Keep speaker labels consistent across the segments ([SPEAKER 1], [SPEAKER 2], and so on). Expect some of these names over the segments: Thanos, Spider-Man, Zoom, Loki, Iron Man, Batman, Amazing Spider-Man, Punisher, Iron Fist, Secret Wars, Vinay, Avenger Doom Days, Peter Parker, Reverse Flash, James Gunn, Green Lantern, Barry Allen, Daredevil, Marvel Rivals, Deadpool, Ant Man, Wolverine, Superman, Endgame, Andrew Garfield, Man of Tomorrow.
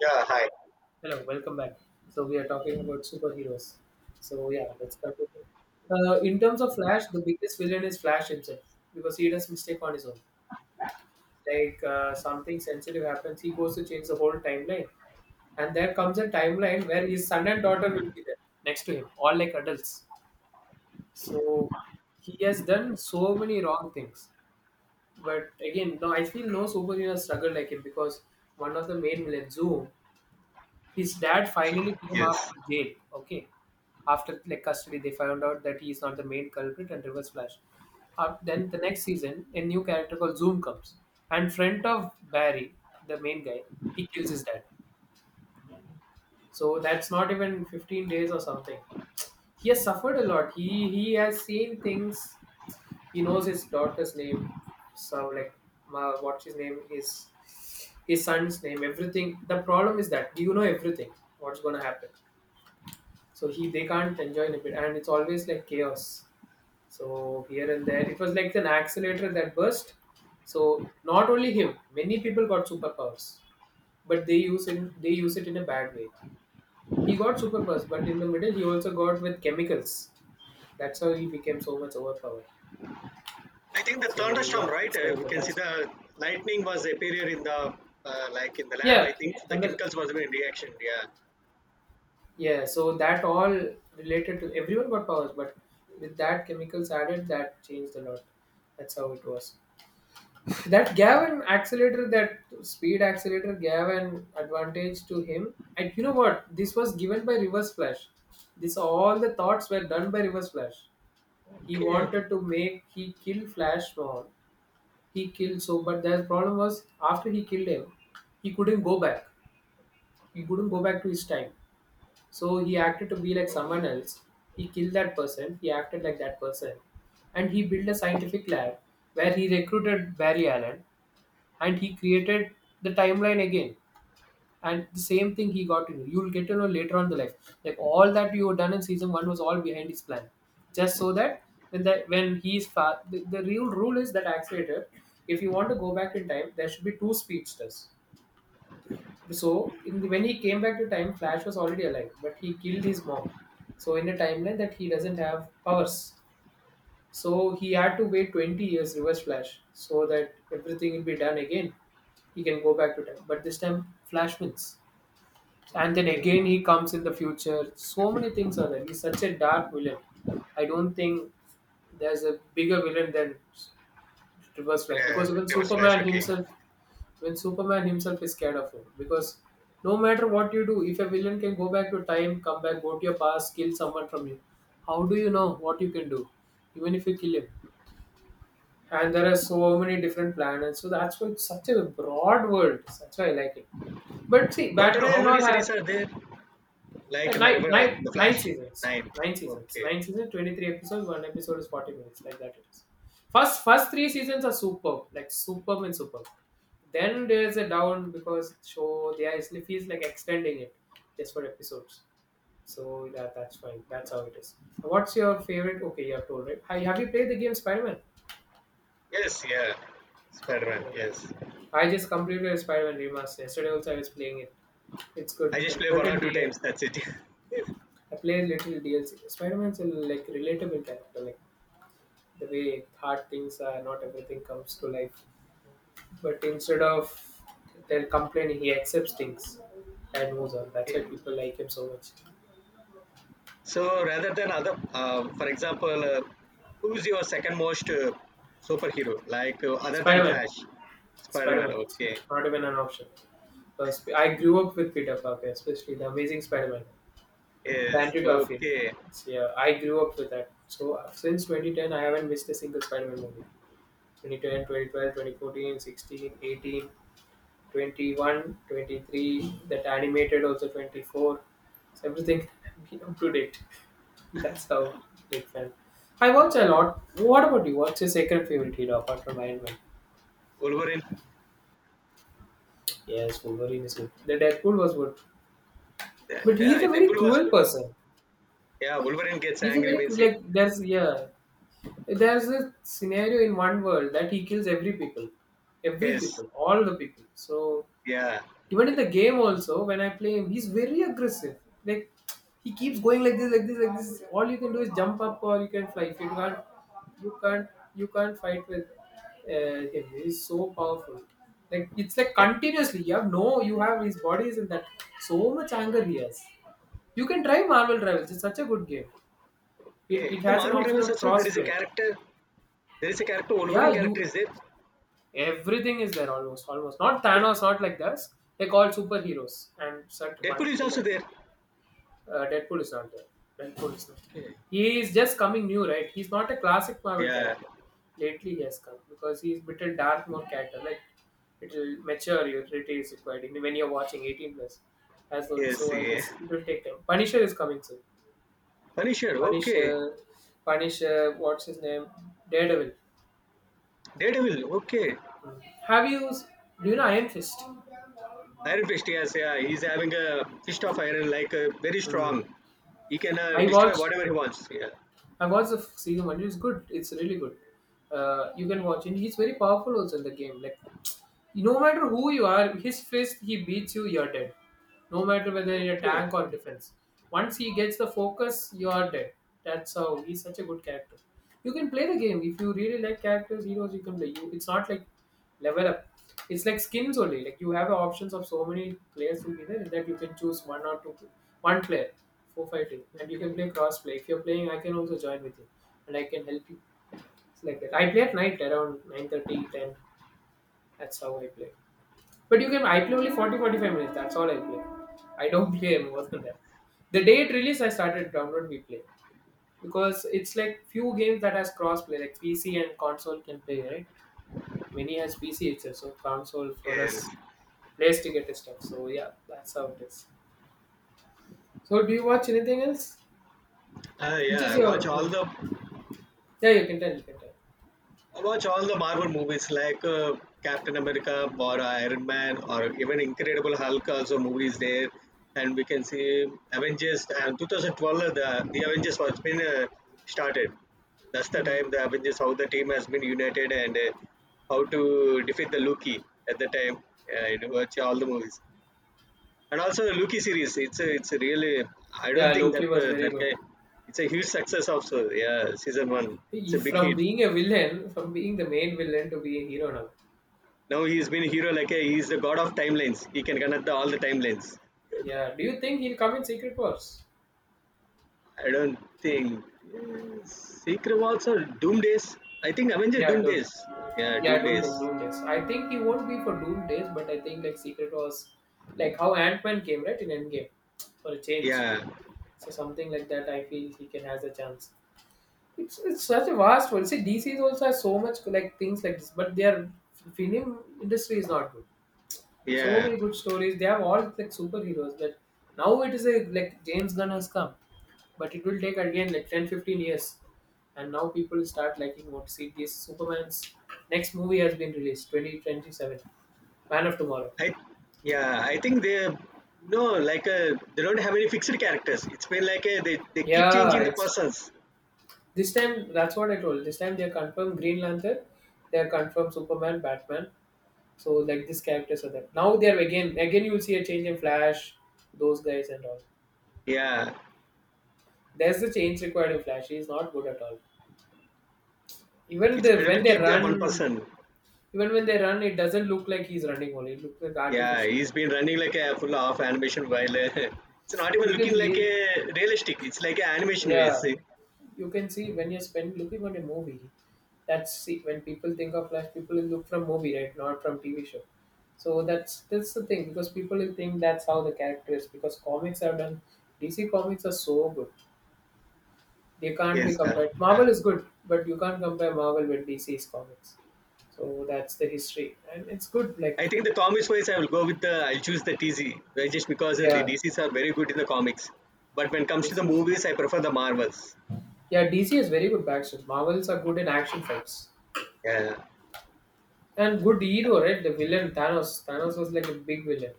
[SPEAKER 1] Yeah, hi.
[SPEAKER 2] Hello, welcome back. So we are talking about superheroes. So yeah, let's continue. In terms of Flash, the biggest villain is Flash himself because he does mistake on his own. Like something sensitive happens, he goes to change the whole timeline, and there comes a timeline where his son and daughter will be there next to him, all like adults. So he has done so many wrong things. But again, no, I feel no superhero struggle like him because one of the main villains, Zoom, his dad finally came after
[SPEAKER 1] Yes.
[SPEAKER 2] jail. Okay, after like custody, they found out that he is not the main culprit and reverse flash. Then the next season, a new character called Zoom comes, and friend of Barry, the main guy, he kills his dad. So that's not even 15 days or something. He has suffered a lot. He has seen things. He knows his daughter's name, so like what's his name? His son's name, everything. The problem is that you know everything. What's gonna happen? So he, they can't enjoy in a bit, and it's always like chaos. So here and there, it was like an accelerator that burst. So not only him, many people got superpowers, but they use it in a bad way. He got superpowers, but in the middle he also got with chemicals. That's how he became so much overpowered.
[SPEAKER 1] I think the
[SPEAKER 2] So
[SPEAKER 1] thunderstorm,
[SPEAKER 2] yeah,
[SPEAKER 1] right?
[SPEAKER 2] it's
[SPEAKER 1] Uh,
[SPEAKER 2] like
[SPEAKER 1] we
[SPEAKER 2] that
[SPEAKER 1] can see
[SPEAKER 2] that's
[SPEAKER 1] the lightning was appeared in the like in the lab. I
[SPEAKER 2] Yeah,
[SPEAKER 1] think the
[SPEAKER 2] thunder.
[SPEAKER 1] chemicals was in reaction. Yeah.
[SPEAKER 2] Yeah, so that all related to everyone got powers, but with that chemicals added, that changed a lot. That's how it was. That gave an accelerator. That speed accelerator gave an advantage to him, and you know what, this was given by reverse flash. This, all the thoughts were done by reverse flash. He
[SPEAKER 1] Okay.
[SPEAKER 2] wanted to make, he kill flash more. He killed, so but the problem was after he killed him, he couldn't go back. He couldn't go back to his time. So he acted to be like someone else. He killed that person, he acted like that person, and he built a scientific lab where he recruited Barry Allen, and he created the timeline again. And the same thing he got to know, you'll get to know later on in the life, like all that you have done in season one was all behind his plan. Just so that when he's far, the real rule is that accelerator. If you want to go back in time, there should be two speedsters. So when he came back to time, flash was already alive, but he killed his mom. So in a timeline that he doesn't have powers, so he had to wait 20 years, reverse flash, so that everything will be done again. He can go back to time. But this time Flash wins. And then again he comes in the future. So many things are there. He's such a dark villain. I don't think there's a bigger villain than Reverse Flash
[SPEAKER 1] Yeah,
[SPEAKER 2] because even
[SPEAKER 1] there was flash.
[SPEAKER 2] Superman
[SPEAKER 1] Okay.
[SPEAKER 2] himself, when Superman himself is scared of him. Because no matter what you do, if a villain can go back to time, come back, go to your past, kill someone from you, how do you know what you can do? Even if you kill him, and there are so many different planets. So that's why it's such a broad world. That's why I like it. But see,
[SPEAKER 1] Total,
[SPEAKER 2] Batman
[SPEAKER 1] how
[SPEAKER 2] and all
[SPEAKER 1] many series
[SPEAKER 2] have
[SPEAKER 1] are there? Like in the river, the
[SPEAKER 2] nine
[SPEAKER 1] Flash
[SPEAKER 2] seasons.
[SPEAKER 1] nine.
[SPEAKER 2] Nine seasons.
[SPEAKER 1] Okay.
[SPEAKER 2] Nine seasons, 23 episodes. One episode is 40 minutes. Like that it is. First three seasons are superb. Like superb and superb. Then there's a down because show they actually feels like extending it just for episodes. So that's fine. That's how it is. What's your favorite? Okay, you have told, right? Have you played the game Spider Man?
[SPEAKER 1] Yes. Yeah. Spider-Man.
[SPEAKER 2] Okay.
[SPEAKER 1] Yes.
[SPEAKER 2] I just completed a Spider-Man Remastered. Yesterday also I was playing it. It's good.
[SPEAKER 1] I just
[SPEAKER 2] Like
[SPEAKER 1] play one or
[SPEAKER 2] certain
[SPEAKER 1] two
[SPEAKER 2] day,
[SPEAKER 1] times. That's it.
[SPEAKER 2] I play little DLC. Spider-Man's a like relatable character. Like the way hard things are, not everything comes to life. But instead of they're complaining, he accepts things and moves on. That's
[SPEAKER 1] okay.
[SPEAKER 2] why people like him so much.
[SPEAKER 1] So rather than other, for example, who's your second most superhero? Like other than
[SPEAKER 2] Spider-Man,
[SPEAKER 1] Flash, Spider-Man.
[SPEAKER 2] Spider-Man,
[SPEAKER 1] Okay,
[SPEAKER 2] not even an option. Because I grew up with Peter Parker, especially the Amazing Spider-Man. The
[SPEAKER 1] is
[SPEAKER 2] Andrew Garfield.
[SPEAKER 1] okay.
[SPEAKER 2] It's, yeah, I grew up with that. So since 2010, I haven't missed a single Spider-Man movie. 2010, 2012, 2014, 16, 18, 21, 23, that animated also 24. So everything been up to date. That's how, big fan. I watch a
[SPEAKER 1] Uh,
[SPEAKER 2] lot. What about you? What's your second favorite hero apart from Iron Man?
[SPEAKER 1] Wolverine.
[SPEAKER 2] Yes, Wolverine is good. The Deadpool was good,
[SPEAKER 1] Yeah,
[SPEAKER 2] but he
[SPEAKER 1] yeah,
[SPEAKER 2] is a very
[SPEAKER 1] Deadpool was
[SPEAKER 2] cruel
[SPEAKER 1] good.
[SPEAKER 2] person.
[SPEAKER 1] Yeah, Wolverine gets
[SPEAKER 2] He's a
[SPEAKER 1] angry
[SPEAKER 2] very
[SPEAKER 1] when he.
[SPEAKER 2] like there's, yeah. There's a scenario in one world that he kills every
[SPEAKER 1] Yes.
[SPEAKER 2] people, all the people. So
[SPEAKER 1] Yeah.
[SPEAKER 2] even in the game also, when I play him, he's very aggressive. Like he keeps going like this, like this, like this. All you can do is jump up or you can fly. If you can't, you can't fight with him. He's so powerful. Like it's like continuously. You have no, you have, his body is in that. So much anger he has. You can try Marvel Rivals. It's such a good game. It,
[SPEAKER 1] Okay.
[SPEAKER 2] it
[SPEAKER 1] The
[SPEAKER 2] has an
[SPEAKER 1] Marvel
[SPEAKER 2] option
[SPEAKER 1] Rivals
[SPEAKER 2] of
[SPEAKER 1] also there is a
[SPEAKER 2] crossplay.
[SPEAKER 1] character. There is a character. Wolverine
[SPEAKER 2] Yeah,
[SPEAKER 1] character
[SPEAKER 2] you
[SPEAKER 1] is there.
[SPEAKER 2] everything is there, almost. Not
[SPEAKER 1] Okay.
[SPEAKER 2] Thanos, not like this. Like all superheroes and such
[SPEAKER 1] Deadpool
[SPEAKER 2] one
[SPEAKER 1] is
[SPEAKER 2] will
[SPEAKER 1] also
[SPEAKER 2] like
[SPEAKER 1] there.
[SPEAKER 2] Deadpool is not there. Deadpool is not there.
[SPEAKER 1] Okay.
[SPEAKER 2] He is just coming new, right? He's not a classic Marvel
[SPEAKER 1] Yeah.
[SPEAKER 2] character. Lately he has come because he's little dark more character. Like it will mature you, it is required even when you're watching 18 plus as well.
[SPEAKER 1] Yes.
[SPEAKER 2] So I
[SPEAKER 1] Yeah.
[SPEAKER 2] guess it will take time. Punisher is coming soon.
[SPEAKER 1] Punisher. Okay.
[SPEAKER 2] Punisher, Punisher, what's his name? Daredevil.
[SPEAKER 1] Daredevil. Okay.
[SPEAKER 2] Have you? Do you know Iron Fist?
[SPEAKER 1] Iron Fist, yes, yeah, he's having a fist of iron, like very
[SPEAKER 2] Hmm.
[SPEAKER 1] strong. He can
[SPEAKER 2] I
[SPEAKER 1] destroy
[SPEAKER 2] watched
[SPEAKER 1] whatever he wants. Yeah.
[SPEAKER 2] I watched the season one. It's good. It's really good. You can watch, and he's very powerful also in the game. Like no matter who you are, his fist, he beats you, you're dead. No matter whether you're
[SPEAKER 1] Okay.
[SPEAKER 2] tank or defense. Once he gets the focus, you're dead. That's how he's such a good character. You can play the game if you really like characters, heroes. You can play. You, it's not like level up. It's like skins only. Like you have options of so many players will be there, and that you can choose one or two, one player for fighting, and you can play cross play. If you're playing, I can also join with you, and I can help you. It's like that. I play at night around 9:30, 10. That's how I play. But you can, I play only 40, 45 minutes, that's all I play. I don't play more than that. The day it released, I started download we play because it's like few games that has cross play, like PC and console can play, right? Many has PC itself, so console for
[SPEAKER 1] Yes.
[SPEAKER 2] us plays to get the stuff. So yeah, that's how it is. So do you watch anything else?
[SPEAKER 1] Uh,
[SPEAKER 2] Which
[SPEAKER 1] yeah,
[SPEAKER 2] is
[SPEAKER 1] I watch
[SPEAKER 2] your,
[SPEAKER 1] all the
[SPEAKER 2] yeah? You can tell. You can tell.
[SPEAKER 1] I watch all the Marvel movies like Captain America or Iron Man or even Incredible Hulk also movies there. And we can see Avengers and 2012 the Avengers was been started. That's the
[SPEAKER 2] Hmm.
[SPEAKER 1] time the Avengers how the team has been united and how to defeat the Loki at the time. I watch all the movies and also the Loki series. It's a really I
[SPEAKER 2] Yeah,
[SPEAKER 1] don't think
[SPEAKER 2] Loki
[SPEAKER 1] that
[SPEAKER 2] was very
[SPEAKER 1] that
[SPEAKER 2] good.
[SPEAKER 1] guy. It's a huge success also. Yeah, season one. It's
[SPEAKER 2] He,
[SPEAKER 1] a big
[SPEAKER 2] from
[SPEAKER 1] hit.
[SPEAKER 2] being a villain, from being the main villain to be a hero now.
[SPEAKER 1] Now he's been a hero like a, he's the god of timelines. He can connect all the timelines.
[SPEAKER 2] Yeah. Do you think he'll come in Secret Wars?
[SPEAKER 1] I don't think Secret Wars or Doom Days. I think Avenger
[SPEAKER 2] Yeah,
[SPEAKER 1] Doom
[SPEAKER 2] do,
[SPEAKER 1] Days. Yeah,
[SPEAKER 2] yeah,
[SPEAKER 1] Doom Days.
[SPEAKER 2] Doom Days. I think he won't be for Doom Days, but I think like Secret was like how Ant Man came right in Endgame for a change.
[SPEAKER 1] Yeah,
[SPEAKER 2] So something like that, I feel he can has a chance. It's such a vast world. See, DC's also has so much like things like this, but their film industry is not good. So
[SPEAKER 1] yeah.
[SPEAKER 2] many good stories. They have all like superheroes. That now it is a like James Gunn has come, but it will take again like 10, 15 years. And now people start liking, what, see this Superman's next movie has been released 2027, Man of Tomorrow.
[SPEAKER 1] I yeah. I think they no like they don't have any fixed characters. It's been like uh, they keep
[SPEAKER 2] Yeah,
[SPEAKER 1] changing the
[SPEAKER 2] it's
[SPEAKER 1] persons.
[SPEAKER 2] this time that's what I told. This time they confirmed Green Lantern, they are confirmed Superman, Batman. So like these characters are there. Now they are again you will see a change in Flash, those guys and all.
[SPEAKER 1] Yeah,
[SPEAKER 2] There's the change required in Flash. He is not good at all. Even
[SPEAKER 1] it's
[SPEAKER 2] they
[SPEAKER 1] better
[SPEAKER 2] when
[SPEAKER 1] to
[SPEAKER 2] they
[SPEAKER 1] keep their one
[SPEAKER 2] run,
[SPEAKER 1] person.
[SPEAKER 2] even when they run, it doesn't look like he's running only. It looks like
[SPEAKER 1] Yeah,
[SPEAKER 2] artificial.
[SPEAKER 1] he's been running like a full of animation while it's not even
[SPEAKER 2] You can
[SPEAKER 1] looking like
[SPEAKER 2] clear,
[SPEAKER 1] a realistic. It's like a animation
[SPEAKER 2] yeah.
[SPEAKER 1] ways.
[SPEAKER 2] You can see when you spend looking at a movie. That's, see, when people think of flash, people will look from movie, right? Not from TV show. So that's the thing because people will think that's how the character is because comics have done. DC comics are so good. They can't be
[SPEAKER 1] Yes, uh,
[SPEAKER 2] compared.
[SPEAKER 1] uh,
[SPEAKER 2] Marvel is good, but you can't compare Marvel with DC's comics. So that's the history, and it's good.
[SPEAKER 1] I
[SPEAKER 2] Like
[SPEAKER 1] think the comics wise, I will go with the I'll choose the TC just because the
[SPEAKER 2] yeah,
[SPEAKER 1] DCs are very good in the comics. But when it comes to
[SPEAKER 2] this
[SPEAKER 1] the
[SPEAKER 2] is
[SPEAKER 1] movies, I prefer the Marvels.
[SPEAKER 2] yeah, DC has very good backstory. Marvels are good in action fights.
[SPEAKER 1] Yeah,
[SPEAKER 2] And good hero, right? The villain Thanos. Thanos was like a big villain.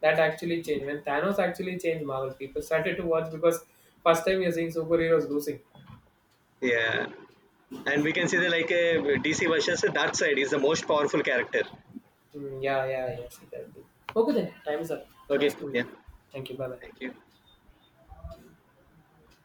[SPEAKER 2] That actually changed. When Thanos actually changed Marvel, people started to watch because first time you're seeing superheroes losing.
[SPEAKER 1] yeah, and we can see the like DC versus the Dark Side is the most powerful character.
[SPEAKER 2] Mm, yeah. See that. Okay then, time is up. Nice
[SPEAKER 1] Okay,
[SPEAKER 2] to meet
[SPEAKER 1] yeah,
[SPEAKER 2] you. Thank you. Bye bye.
[SPEAKER 1] thank you.